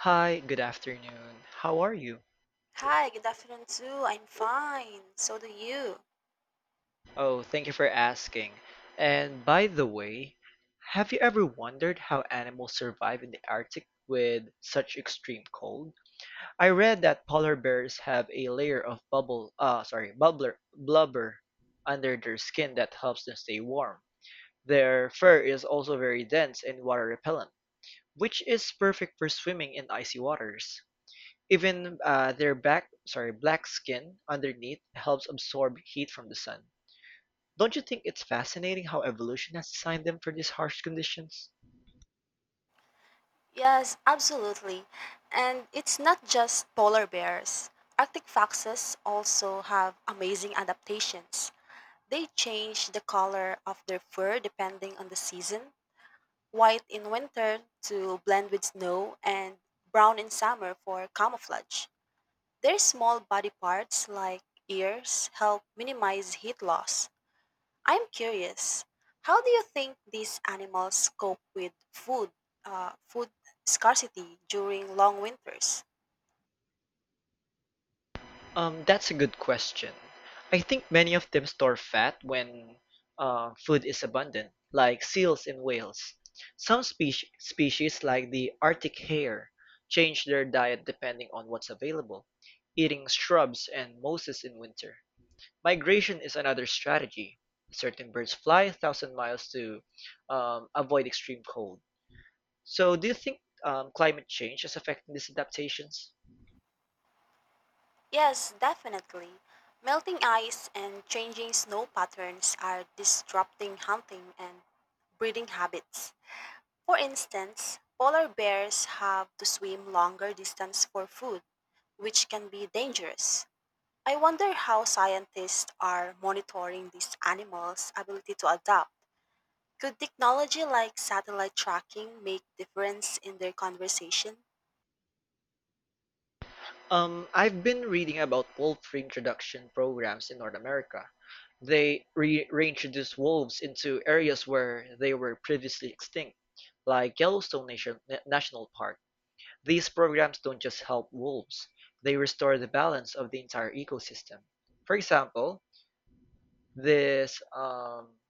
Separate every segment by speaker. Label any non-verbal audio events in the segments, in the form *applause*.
Speaker 1: Hi, good afternoon. How are you?
Speaker 2: Hi, good afternoon too. I'm fine. So do you.
Speaker 1: Oh, thank you for asking. And by the way, have you ever wondered how animals survive in the Arctic with such extreme cold? I read that polar bears have a layer of blubber under their skin that helps them stay warm. Their fur is also very dense and water repellent, which is perfect for swimming in icy waters. Even black skin underneath helps absorb heat from the sun. Don't you think it's fascinating how evolution has designed them for these harsh conditions?
Speaker 2: Yes, absolutely. And it's not just polar bears. Arctic foxes also have amazing adaptations. They change the color of their fur depending on the season, white in winter to blend with snow, and brown in summer for camouflage. Their small body parts, like ears, help minimize heat loss. I'm curious, how do you think these animals cope with food scarcity during long winters?
Speaker 1: That's a good question. I think many of them store fat when food is abundant, like seals and whales. Some species, like the Arctic hare, change their diet depending on what's available, eating shrubs and mosses in winter. Migration is another strategy. Certain birds fly a thousand miles to avoid extreme cold. So, do you think climate change is affecting these adaptations?
Speaker 2: Yes, definitely. Melting ice and changing snow patterns are disrupting hunting and breeding habits. For instance, polar bears have to swim longer distance for food, which can be dangerous. I wonder how scientists are monitoring these animals' ability to adapt. Could technology like satellite tracking make difference in their conversation?
Speaker 1: I've been reading about wolf reintroduction programs in North America. They reintroduce wolves into areas where they were previously extinct, like National Park. These programs don't just help wolves, they restore the balance of the entire ecosystem. For example, This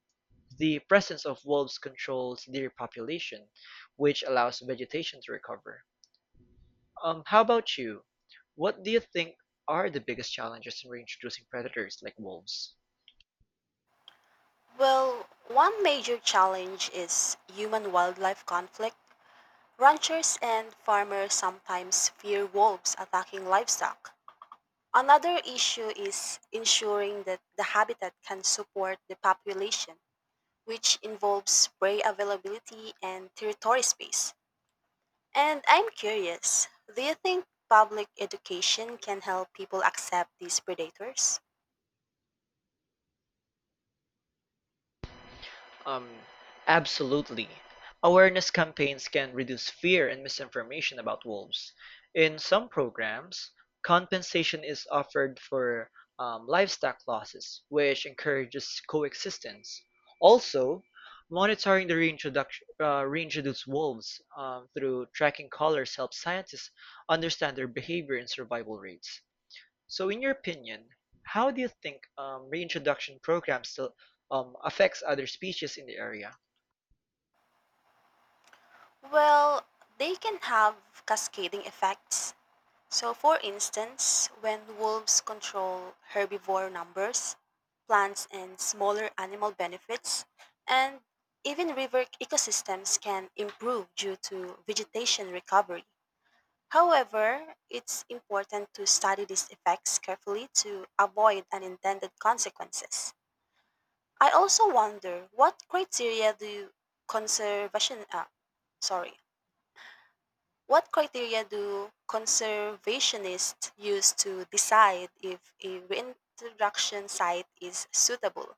Speaker 1: the presence of wolves controls deer population, which allows vegetation to recover. How about you? What do you think are the biggest challenges in reintroducing predators like wolves?
Speaker 2: Well, one major challenge is human-wildlife conflict. Ranchers and farmers sometimes fear wolves attacking livestock. Another issue is ensuring that the habitat can support the population, which involves prey availability and territory space. And I'm curious, do you think public education can help people accept these predators?
Speaker 1: Um, absolutely. Awareness campaigns can reduce fear and misinformation about wolves. In some programs, compensation is offered for livestock losses, which encourages coexistence. Also, monitoring the reintroduced wolves through tracking collars helps scientists understand their behavior and survival rates. So in your opinion, how do you think reintroduction programs still affects other species in the area?
Speaker 2: Well, they can have cascading effects. So, for instance, when wolves control herbivore numbers, plants and smaller animal benefits, and even river ecosystems can improve due to vegetation recovery. However, it's important to study these effects carefully to avoid unintended consequences. I also wonder what criteria do conservation sorry what criteria do conservationists use to decide if a reintroduction site is suitable?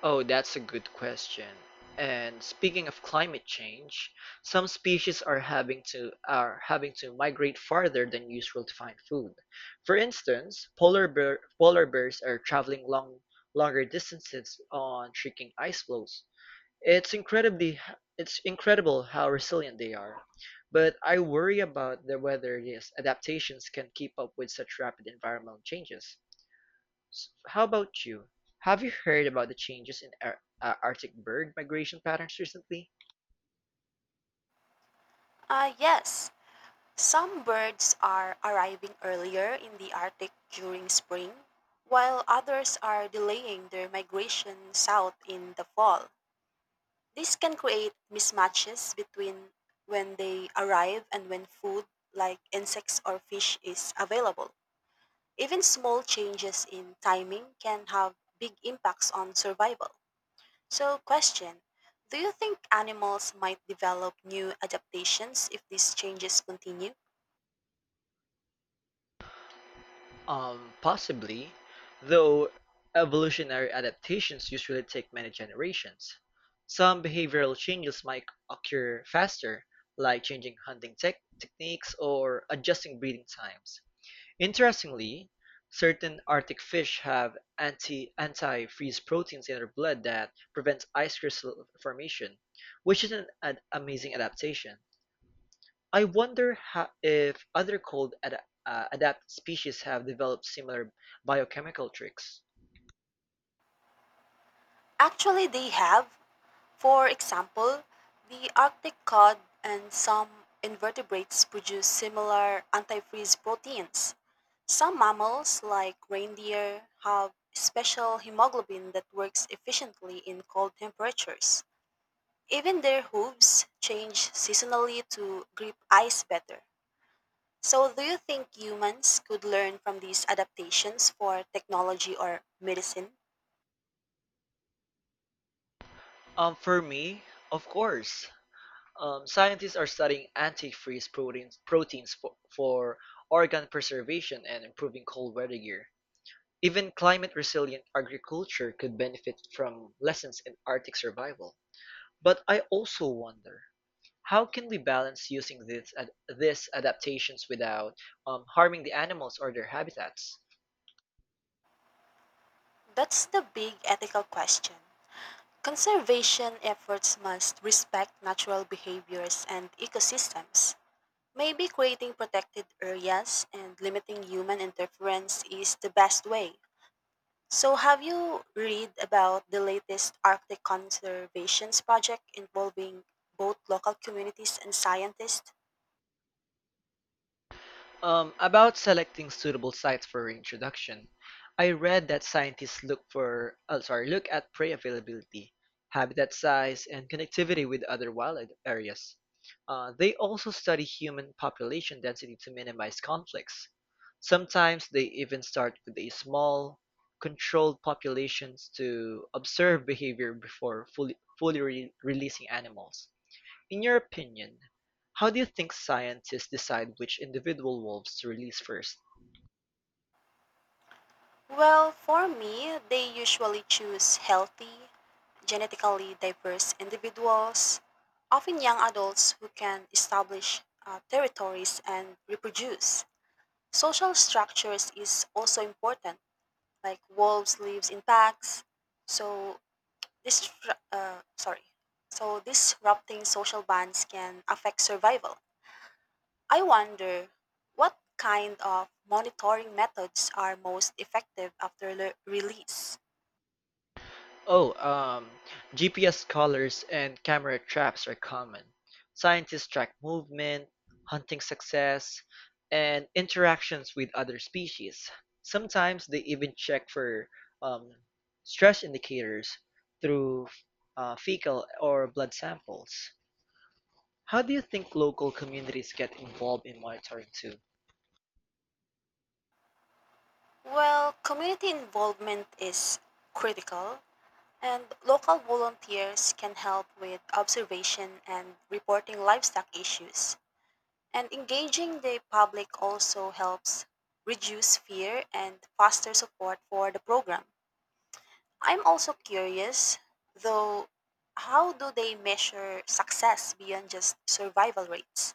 Speaker 1: Oh, that's a good question. And speaking of climate change, some species are having to migrate farther than usual to find food. For instance, polar bears are traveling longer distances on shrinking ice floes. It's incredibly it's incredible how resilient they are, but I worry about the whether these adaptations can keep up with such rapid environmental changes. How about you? Have you heard about the changes in Arctic bird migration patterns recently?
Speaker 2: Ah, yes. Some birds are arriving earlier in the Arctic during spring, while others are delaying their migration south in the fall. This can create mismatches between when they arrive and when food, like insects or fish, is available. Even small changes in timing can have big impacts on survival. So, question, do you think animals might develop new adaptations if these changes continue?
Speaker 1: Possibly, though evolutionary adaptations usually take many generations. Some behavioral changes might occur faster, like changing hunting tech techniques or adjusting breeding times. Interestingly, certain Arctic fish have anti-freeze proteins in their blood that prevents ice crystal formation, which is an amazing adaptation. I wonder if other adapt species have developed similar biochemical tricks.
Speaker 2: Actually, they have. For example, the Arctic cod and some invertebrates produce similar antifreeze proteins. Some mammals, like reindeer, have special hemoglobin that works efficiently in cold temperatures. Even their hooves change seasonally to grip ice better. So, do you think humans could learn from these adaptations for technology or medicine?
Speaker 1: For me, of course. Scientists are studying proteins for organ preservation and improving cold weather gear. Even climate-resilient agriculture could benefit from lessons in Arctic survival. But I also wonder, how can we balance using these adaptations without harming the animals or their habitats?
Speaker 2: That's the big ethical question. Conservation efforts must respect natural behaviors and ecosystems. Maybe creating protected areas and limiting human interference is the best way. So, have you read about the latest Arctic Conservations project involving both local communities and scientists?
Speaker 1: About selecting suitable sites for reintroduction, I read that scientists look for, oh, sorry, look at prey availability, habitat size, and connectivity with other wild areas. They also study human population density to minimize conflicts. Sometimes they even start with a small, controlled populations to observe behavior before fully releasing animals. In your opinion, how do you think scientists decide which individual wolves to release first?
Speaker 2: Well, for me, they usually choose healthy, genetically diverse individuals, often young adults who can establish territories and reproduce. Social structures is also important, like wolves lives in packs, so This, sorry. So disrupting social bonds can affect survival. I wonder what kind of monitoring methods are most effective after release.
Speaker 1: Oh, um, GPS collars and camera traps are common. Scientists track movement, hunting success, and interactions with other species. Sometimes they even check for um, stress indicators through fecal or blood samples. How do you think local communities get involved in monitoring too?
Speaker 2: Well, community involvement is critical, and local volunteers can help with observation and reporting livestock issues. And engaging the public also helps reduce fear and foster support for the program. I'm also curious, though, how do they measure success beyond just survival rates?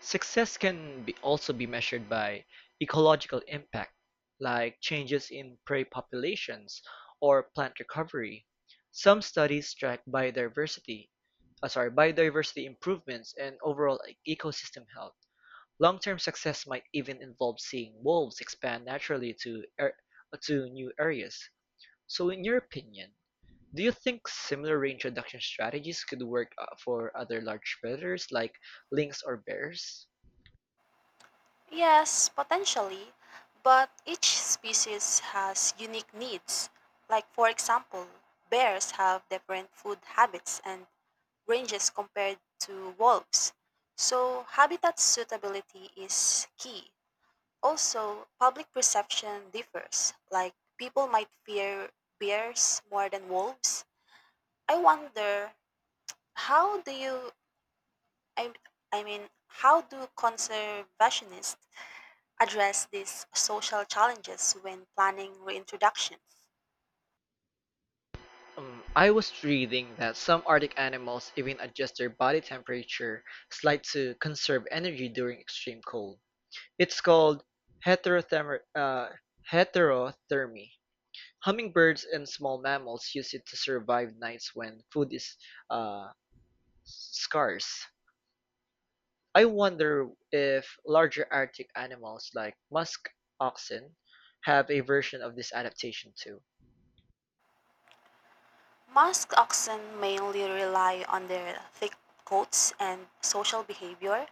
Speaker 1: Success can be also be measured by ecological impact, like changes in prey populations or plant recovery. Some studies track biodiversity improvements and overall ecosystem health. Long-term success might even involve seeing wolves expand naturally to new areas. So, in your opinion, do you think similar reintroduction strategies could work for other large predators like lynx or bears?
Speaker 2: Yes, potentially, but each species has unique needs. Like, for example, bears have different food habits and ranges compared to wolves. So, habitat suitability is key. Also, public perception differs. Like, people might fear bears more than wolves. I wonder, How do you I I mean, how do conservationists address these social challenges when planning reintroduction?
Speaker 1: I was reading that some Arctic animals even adjust their body temperature slight to conserve energy during extreme cold. It's called heterotherm- uh, heterothermy. Hummingbirds and small mammals use it to survive nights when food is uh, scarce. I wonder if larger Arctic animals like musk oxen have a version of this adaptation too.
Speaker 2: Musk oxen mainly rely on their thick coats and social behavior.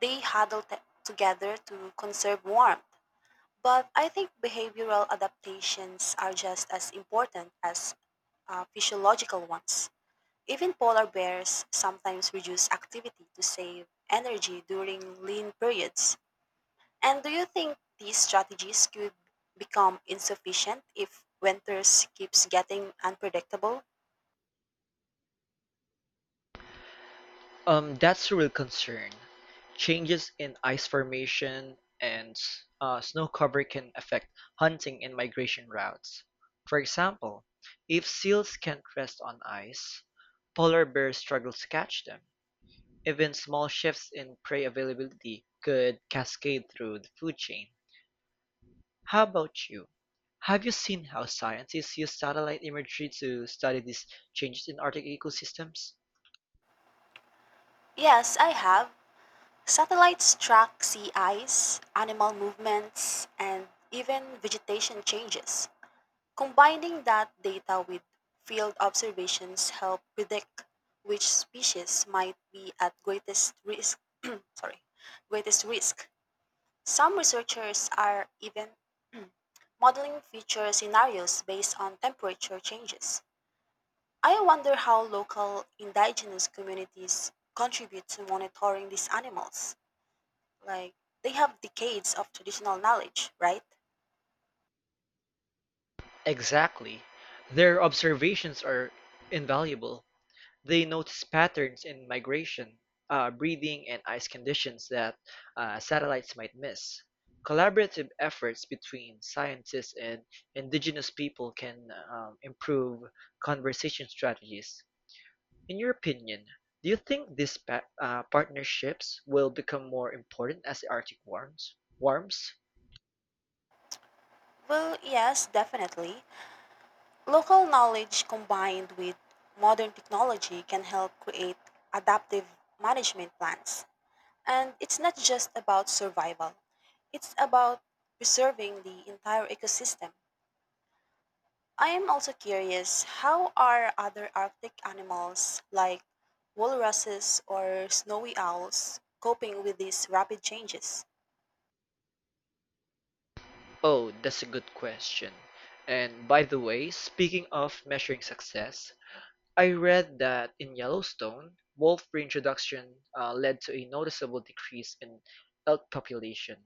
Speaker 2: They together to conserve warmth. But I think behavioral adaptations are just as important as physiological ones. Even polar bears sometimes reduce activity to save energy during lean periods. And do you think these strategies could become insufficient if winters keeps getting unpredictable?
Speaker 1: That's a real concern. Changes in ice formation and snow cover can affect hunting and migration routes. For example, if seals can't rest on ice, polar bears struggle to catch them. Even small shifts in prey availability could cascade through the food chain. How about you? Have you seen how scientists use satellite imagery to study these changes in Arctic ecosystems?
Speaker 2: Yes, I have. Satellites track sea ice, animal movements, and even vegetation changes. Combining that data with field observations help predict which species might be at greatest risk. *clears throat* sorry, greatest risk. Some researchers are even modeling future scenarios based on temperature changes. I wonder how local indigenous communities contribute to monitoring these animals. Like, they have decades of traditional knowledge, right?
Speaker 1: Exactly. Their observations are invaluable. They notice patterns in breeding, and ice conditions that satellites might miss. Collaborative efforts between scientists and indigenous people can improve conversation strategies. In your opinion, do you think these partnerships will become more important as the Arctic warms? warms?
Speaker 2: Well, yes, definitely. Local knowledge combined with modern technology can help create adaptive management plans. And it's not just about survival, it's about preserving the entire ecosystem. I am also curious, how are other Arctic animals like walruses or snowy owls coping with these rapid changes?
Speaker 1: Oh, that's a good question. And by the way, speaking of measuring success, I read that in Yellowstone, wolf reintroduction led to a noticeable decrease in elk population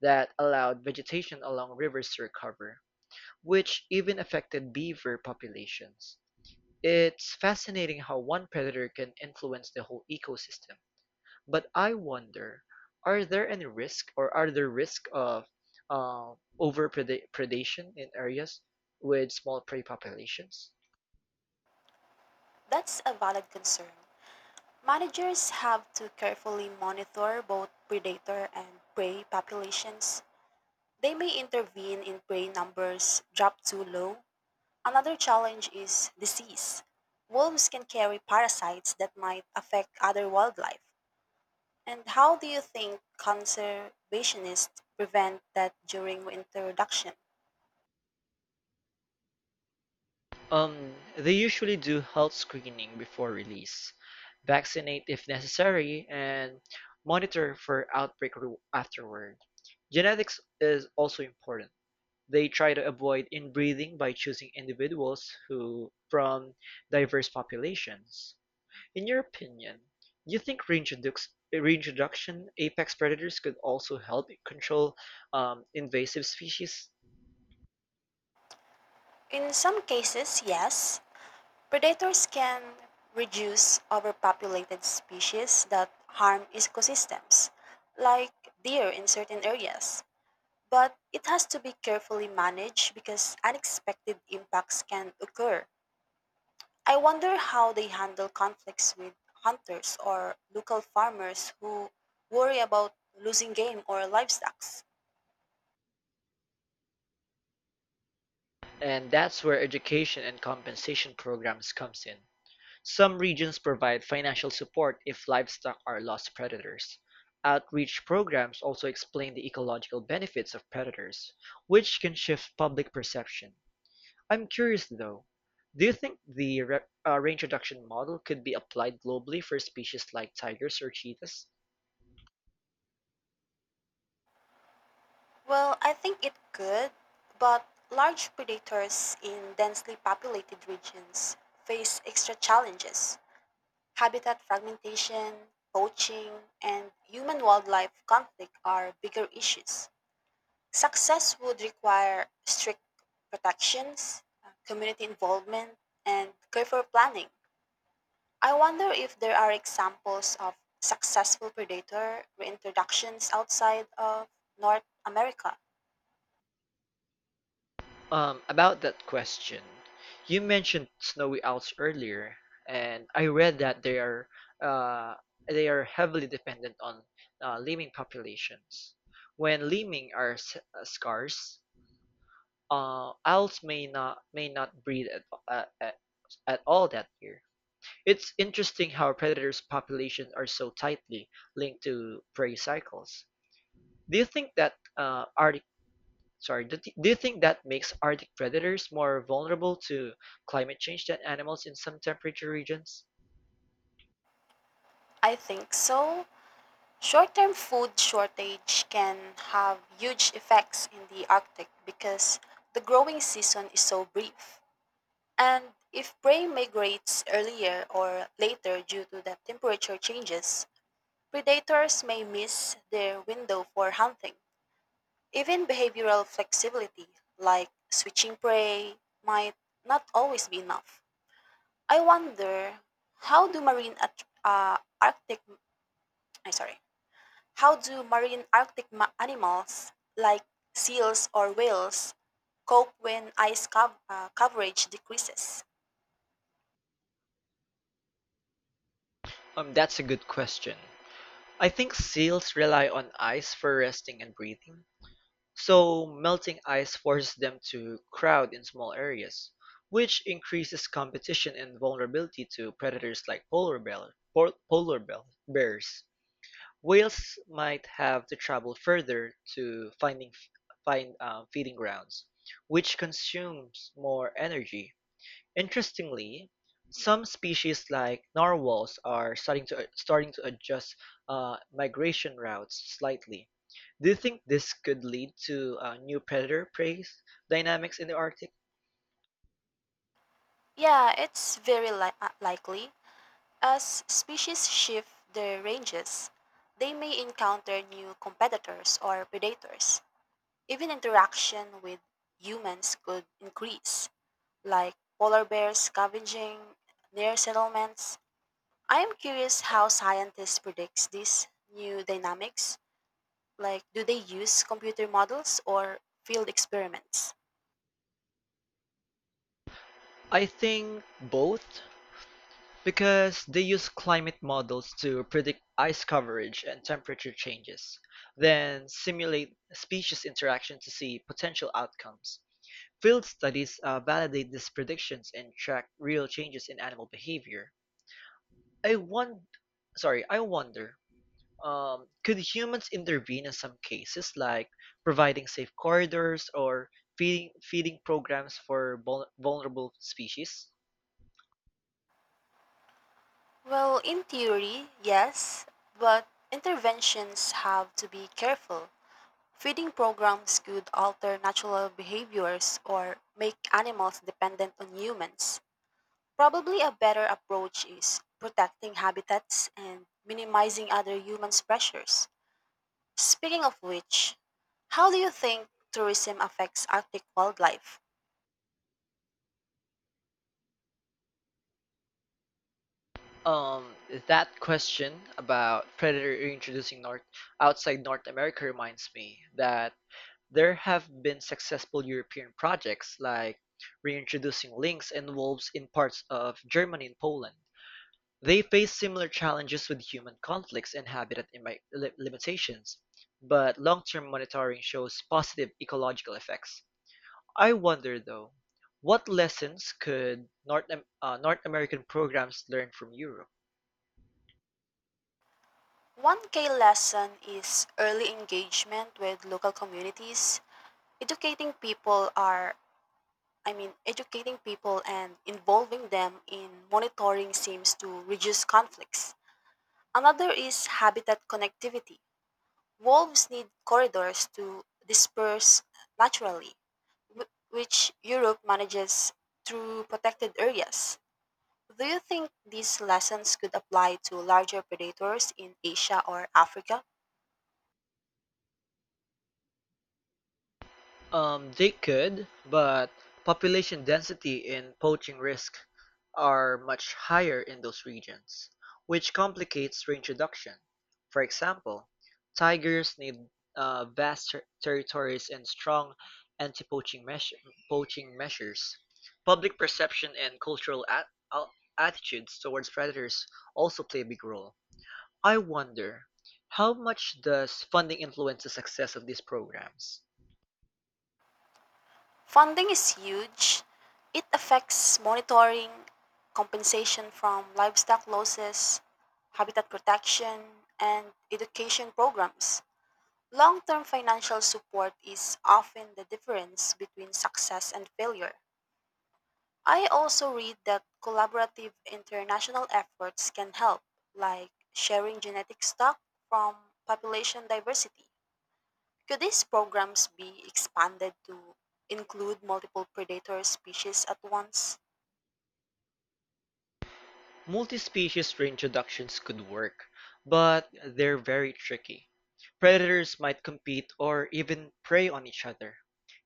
Speaker 1: that allowed vegetation along rivers to recover, which even affected beaver populations. It's fascinating how one predator can influence the whole ecosystem. But I wonder, are there risk of uh, over predation in areas with small prey populations?
Speaker 2: That's a valid concern. Managers have to carefully monitor both predator and prey populations. They may intervene if prey numbers drop too low. Another challenge is disease. Wolves can carry parasites that might affect other wildlife. And how do you think conservationists prevent that during reintroduction?
Speaker 1: They usually do health screening before release, vaccinate if necessary, and monitor for afterward. Genetics is also important. They try to avoid inbreeding by choosing individuals who from diverse populations. In your opinion, do you think reintroduction apex predators could also help control invasive species?
Speaker 2: In some cases, yes, predators can reduce overpopulated species that harm ecosystems, like deer in certain areas. But it has to be carefully managed because unexpected impacts can occur. I wonder how they handle conflicts with hunters or local farmers who worry about losing game or livestock.
Speaker 1: And that's where education and compensation programs comes in. Some regions provide financial support if livestock are lost predators. Outreach programs also explain the ecological benefits of predators, which can shift public perception. I'm curious though, do you think the re reintroduction model could be applied globally for species like tigers or cheetahs?
Speaker 2: Well, I think it could, but large predators in densely populated regions face extra challenges. Habitat fragmentation, poaching, and human wildlife conflict are bigger issues. Success would require strict protections, community involvement, and careful planning. I wonder if there are examples of successful predator reintroductions outside of North America.
Speaker 1: About that question, you mentioned snowy owls earlier, and I read that uh, they are heavily dependent on lemming populations. When lemming are scarce, owls may not breed at all that year. It's interesting how predators' populations are so tightly linked to prey cycles. Do you think that Arctic sorry, do, th- do you think that makes Arctic predators more vulnerable to climate change than animals in some temperature regions?
Speaker 2: I think so. Short term food shortage can have huge effects in the Arctic because the growing season is so brief. And if prey migrates earlier or later due to the temperature changes, predators may miss their window for hunting. Even behavioral flexibility, like switching prey, might not always be enough. I wonder, how do marine at- uh, Arctic, I'm sorry, how do marine Arctic animals like seals or whales cope when ice coverage decreases?
Speaker 1: That's a good question. I think seals rely on ice for resting and breathing, so melting ice forces them to crowd in small areas, which increases competition and vulnerability to predators like polar bear, pol- polar bear- bears. Whales might have to travel further to find feeding grounds, which consumes more energy. Interestingly, some species like narwhals are starting to starting to adjust migration routes slightly. Do you think this could lead to new predator prey dynamics in the Arctic?
Speaker 2: Yeah, it's very likely. As species shift their ranges, they may encounter new competitors or predators. Even interaction with humans could increase, like polar bears scavenging near settlements. I am curious how scientists predict these new dynamics. Like, do they use computer models or field experiments?
Speaker 1: I think both. Because they use climate models to predict ice coverage and temperature changes, then simulate species interaction to see potential outcomes. Field studies validate these predictions and track real changes in animal behavior. I won- I wonder, could humans intervene in some cases, like providing safe corridors or feeding programs for vulnerable species?
Speaker 2: Well, in theory, yes, but interventions have to be careful. Feeding programs could alter natural behaviors or make animals dependent on humans. Probably a better approach is protecting habitats and minimizing other humans' pressures. Speaking of which, how do you think tourism affects Arctic wildlife?
Speaker 1: Um, that question about Predator reintroducing North outside North America reminds me that there have been successful European projects like reintroducing lynx and wolves in parts of Germany and Poland. They face similar challenges with human conflicts and limitations, but long-term monitoring shows positive ecological effects. I wonder, though, what lessons could North American programs learn from Europe?
Speaker 2: One key lesson is early engagement with local communities. Educating people are I mean educating people and involving them in monitoring seems to reduce conflicts. Another is habitat connectivity. Wolves need corridors to disperse naturally, which Europe manages through protected areas. Do you think these lessons could apply to larger predators in Asia or Africa?
Speaker 1: They could, but population density and poaching risk are much higher in those regions, which complicates reintroduction. For example, tigers need territories and strong anti-poaching measure- poaching measures. Public perception and cultural al- attitudes towards predators also play a big role. I wonder, how much does funding influence the success of these programs?
Speaker 2: Funding is huge. It affects monitoring, compensation from livestock losses, habitat protection, and education programs. Long term financial support is often the difference between success and failure. I also read that collaborative international efforts can help, like sharing genetic stock from population diversity. Could these programs be expanded to include multiple predator species at once?
Speaker 1: Multi-species reintroductions could work, but they're very tricky. Predators might compete or even prey on each other.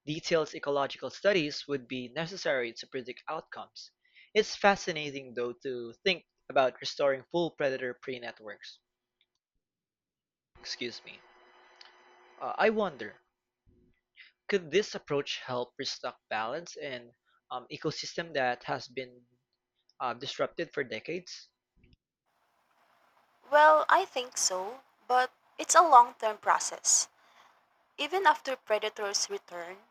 Speaker 1: Detailed ecological studies would be necessary to predict outcomes. It's fascinating though to think about restoring full predator prey networks. Excuse me. I wonder, could this approach help restock balance in ecosystem that has been disrupted for decades?
Speaker 2: Well, I think so, but it's a long term process. Even after predators return,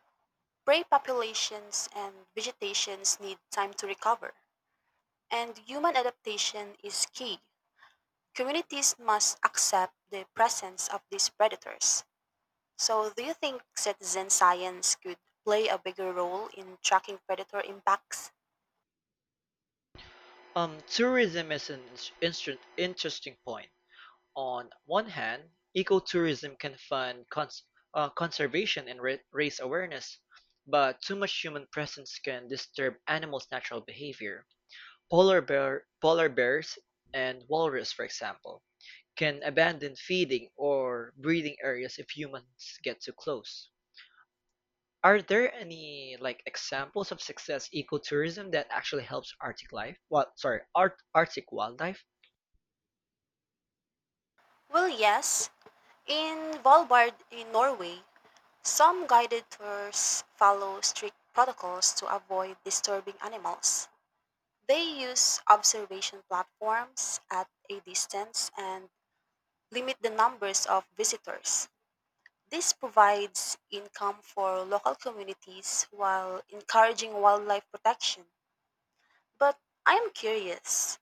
Speaker 2: prey populations and vegetations need time to recover, and human adaptation is key. Communities must accept the presence of these predators. So, do you think citizen science could play a bigger role in tracking predator impacts?
Speaker 1: Tourism is an interesting point. On one hand, ecotourism can fund conservation and raise awareness, but too much human presence can disturb animals' natural behavior. Polar bears and walrus, for example, can abandon feeding or breeding areas if humans get too close. Are there any like examples of success ecotourism that actually helps Arctic life? Well, sorry, art, Arctic wildlife?
Speaker 2: Well, yes. In Valbard in Norway, some guided tours follow strict protocols to avoid disturbing animals. They use observation platforms at a distance and limit the numbers of visitors. This provides income for local communities while encouraging wildlife protection. But I am curious,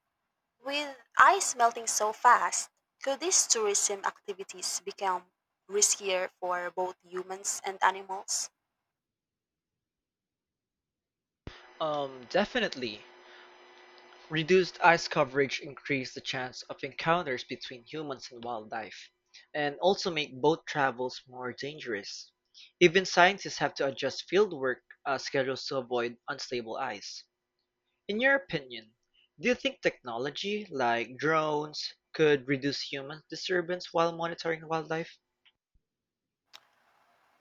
Speaker 2: with ice melting so fast, could these tourism activities become riskier for both humans and animals?
Speaker 1: Definitely. Reduced ice coverage increase the chance of encounters between humans and wildlife, and also make boat travels more dangerous. Even scientists have to adjust fieldwork schedules to avoid unstable ice. In your opinion, do you think technology like drones could reduce human disturbance while monitoring wildlife?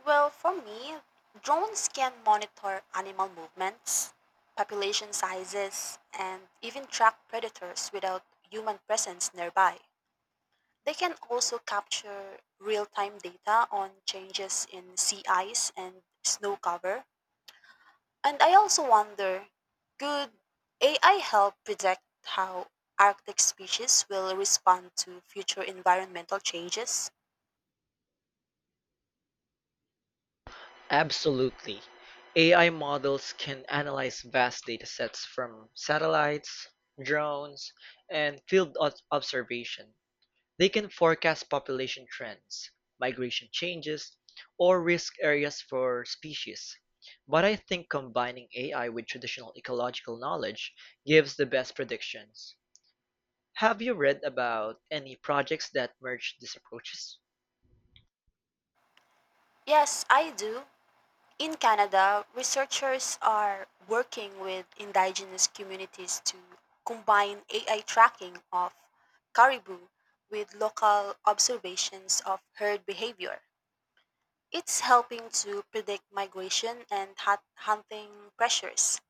Speaker 2: Well, for me, drones can monitor animal movements, population sizes, and even track predators without human presence nearby. They can also capture real time data on changes in sea ice and snow cover. And I also wonder, could AI help predict how Arctic species will respond to future environmental changes?
Speaker 1: Absolutely. AI models can analyze vast datasets from satellites, drones, and field observation. They can forecast population trends, migration changes, or risk areas for species. But I think combining AI with traditional ecological knowledge gives the best predictions. Have you read about any projects that merge these approaches?
Speaker 2: Yes, I do. In Canada, researchers are working with indigenous communities to combine AI tracking of caribou with local observations of herd behavior. It's helping to predict migration and hunting pressures.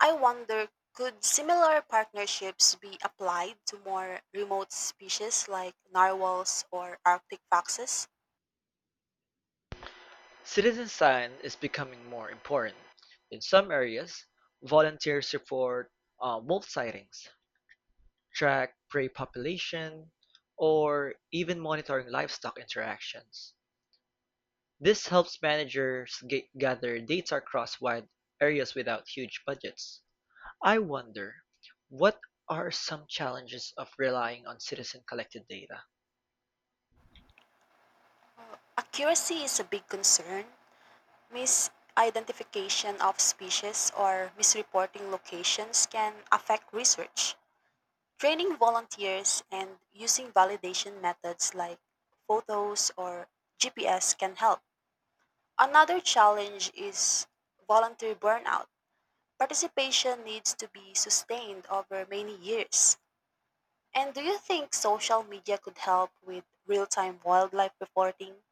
Speaker 2: I wonder, could similar partnerships be applied to more remote species like narwhals or arctic foxes?
Speaker 1: Citizen science is becoming more important. In some areas, volunteers report wolf sightings, track prey population, or even monitoring livestock interactions. This helps managers gather data across wide areas without huge budgets. I wonder, what are some challenges of relying on citizen collected data?
Speaker 2: Accuracy is a big concern. Misidentification of species or misreporting locations can affect research. Training volunteers and using validation methods like photos or GPS can help. Another challenge is volunteer burnout. Participation needs to be sustained over many years. And do you think social media could help with real time wildlife reporting?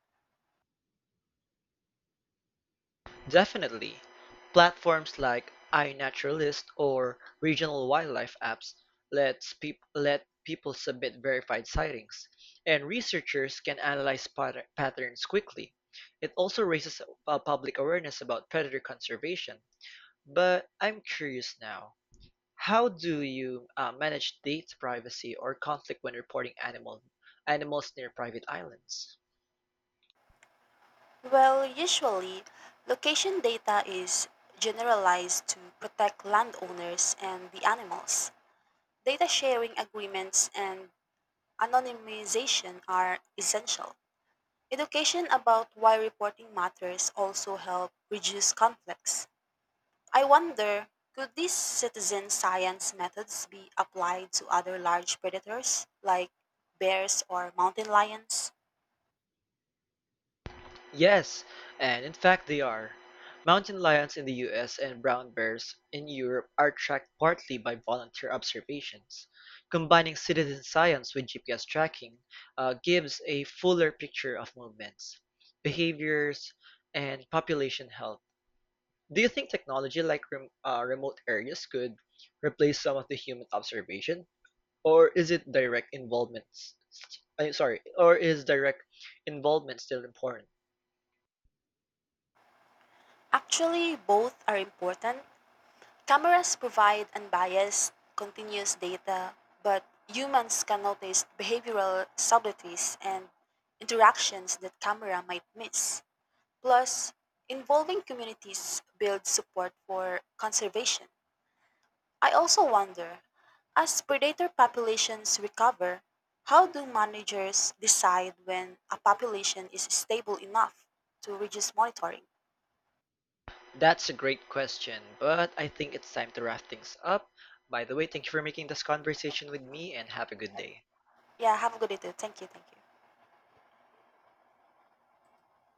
Speaker 1: Definitely. Platforms like iNaturalist or regional wildlife apps let people submit verified sightings, and researchers can analyze patterns quickly. It also raises public awareness about predator conservation. But I'm curious now, how do you manage data privacy or conflict when reporting animals near private islands?
Speaker 2: Well, usually, location data is generalized to protect landowners and the animals. Data sharing agreements and anonymization are essential. Education about why reporting matters also help reduce conflicts. I wonder, could these citizen science methods be applied to other large predators like bears or mountain lions?
Speaker 1: Yes, and in fact they are. Mountain lions in the US and brown bears in Europe are tracked partly by volunteer observations. Combining citizen science with GPS tracking gives a fuller picture of movements, behaviors, and population health. Do you think technology like remote areas could replace some of the human observation, or is it direct involvement? S- s- I'm sorry, or is direct involvement still important?
Speaker 2: Actually, both are important. Cameras provide unbiased, continuous data, but humans can notice behavioral subtleties and interactions that camera might miss. Plus, involving communities builds support for conservation. I also wonder, as predator populations recover, how do managers decide when a population is stable enough to reduce monitoring?
Speaker 1: That's a great question, but I think it's time to wrap things up. By the way, thank you for making this conversation with me and have a good day.
Speaker 2: Yeah, have a good day too. Thank you, thank you.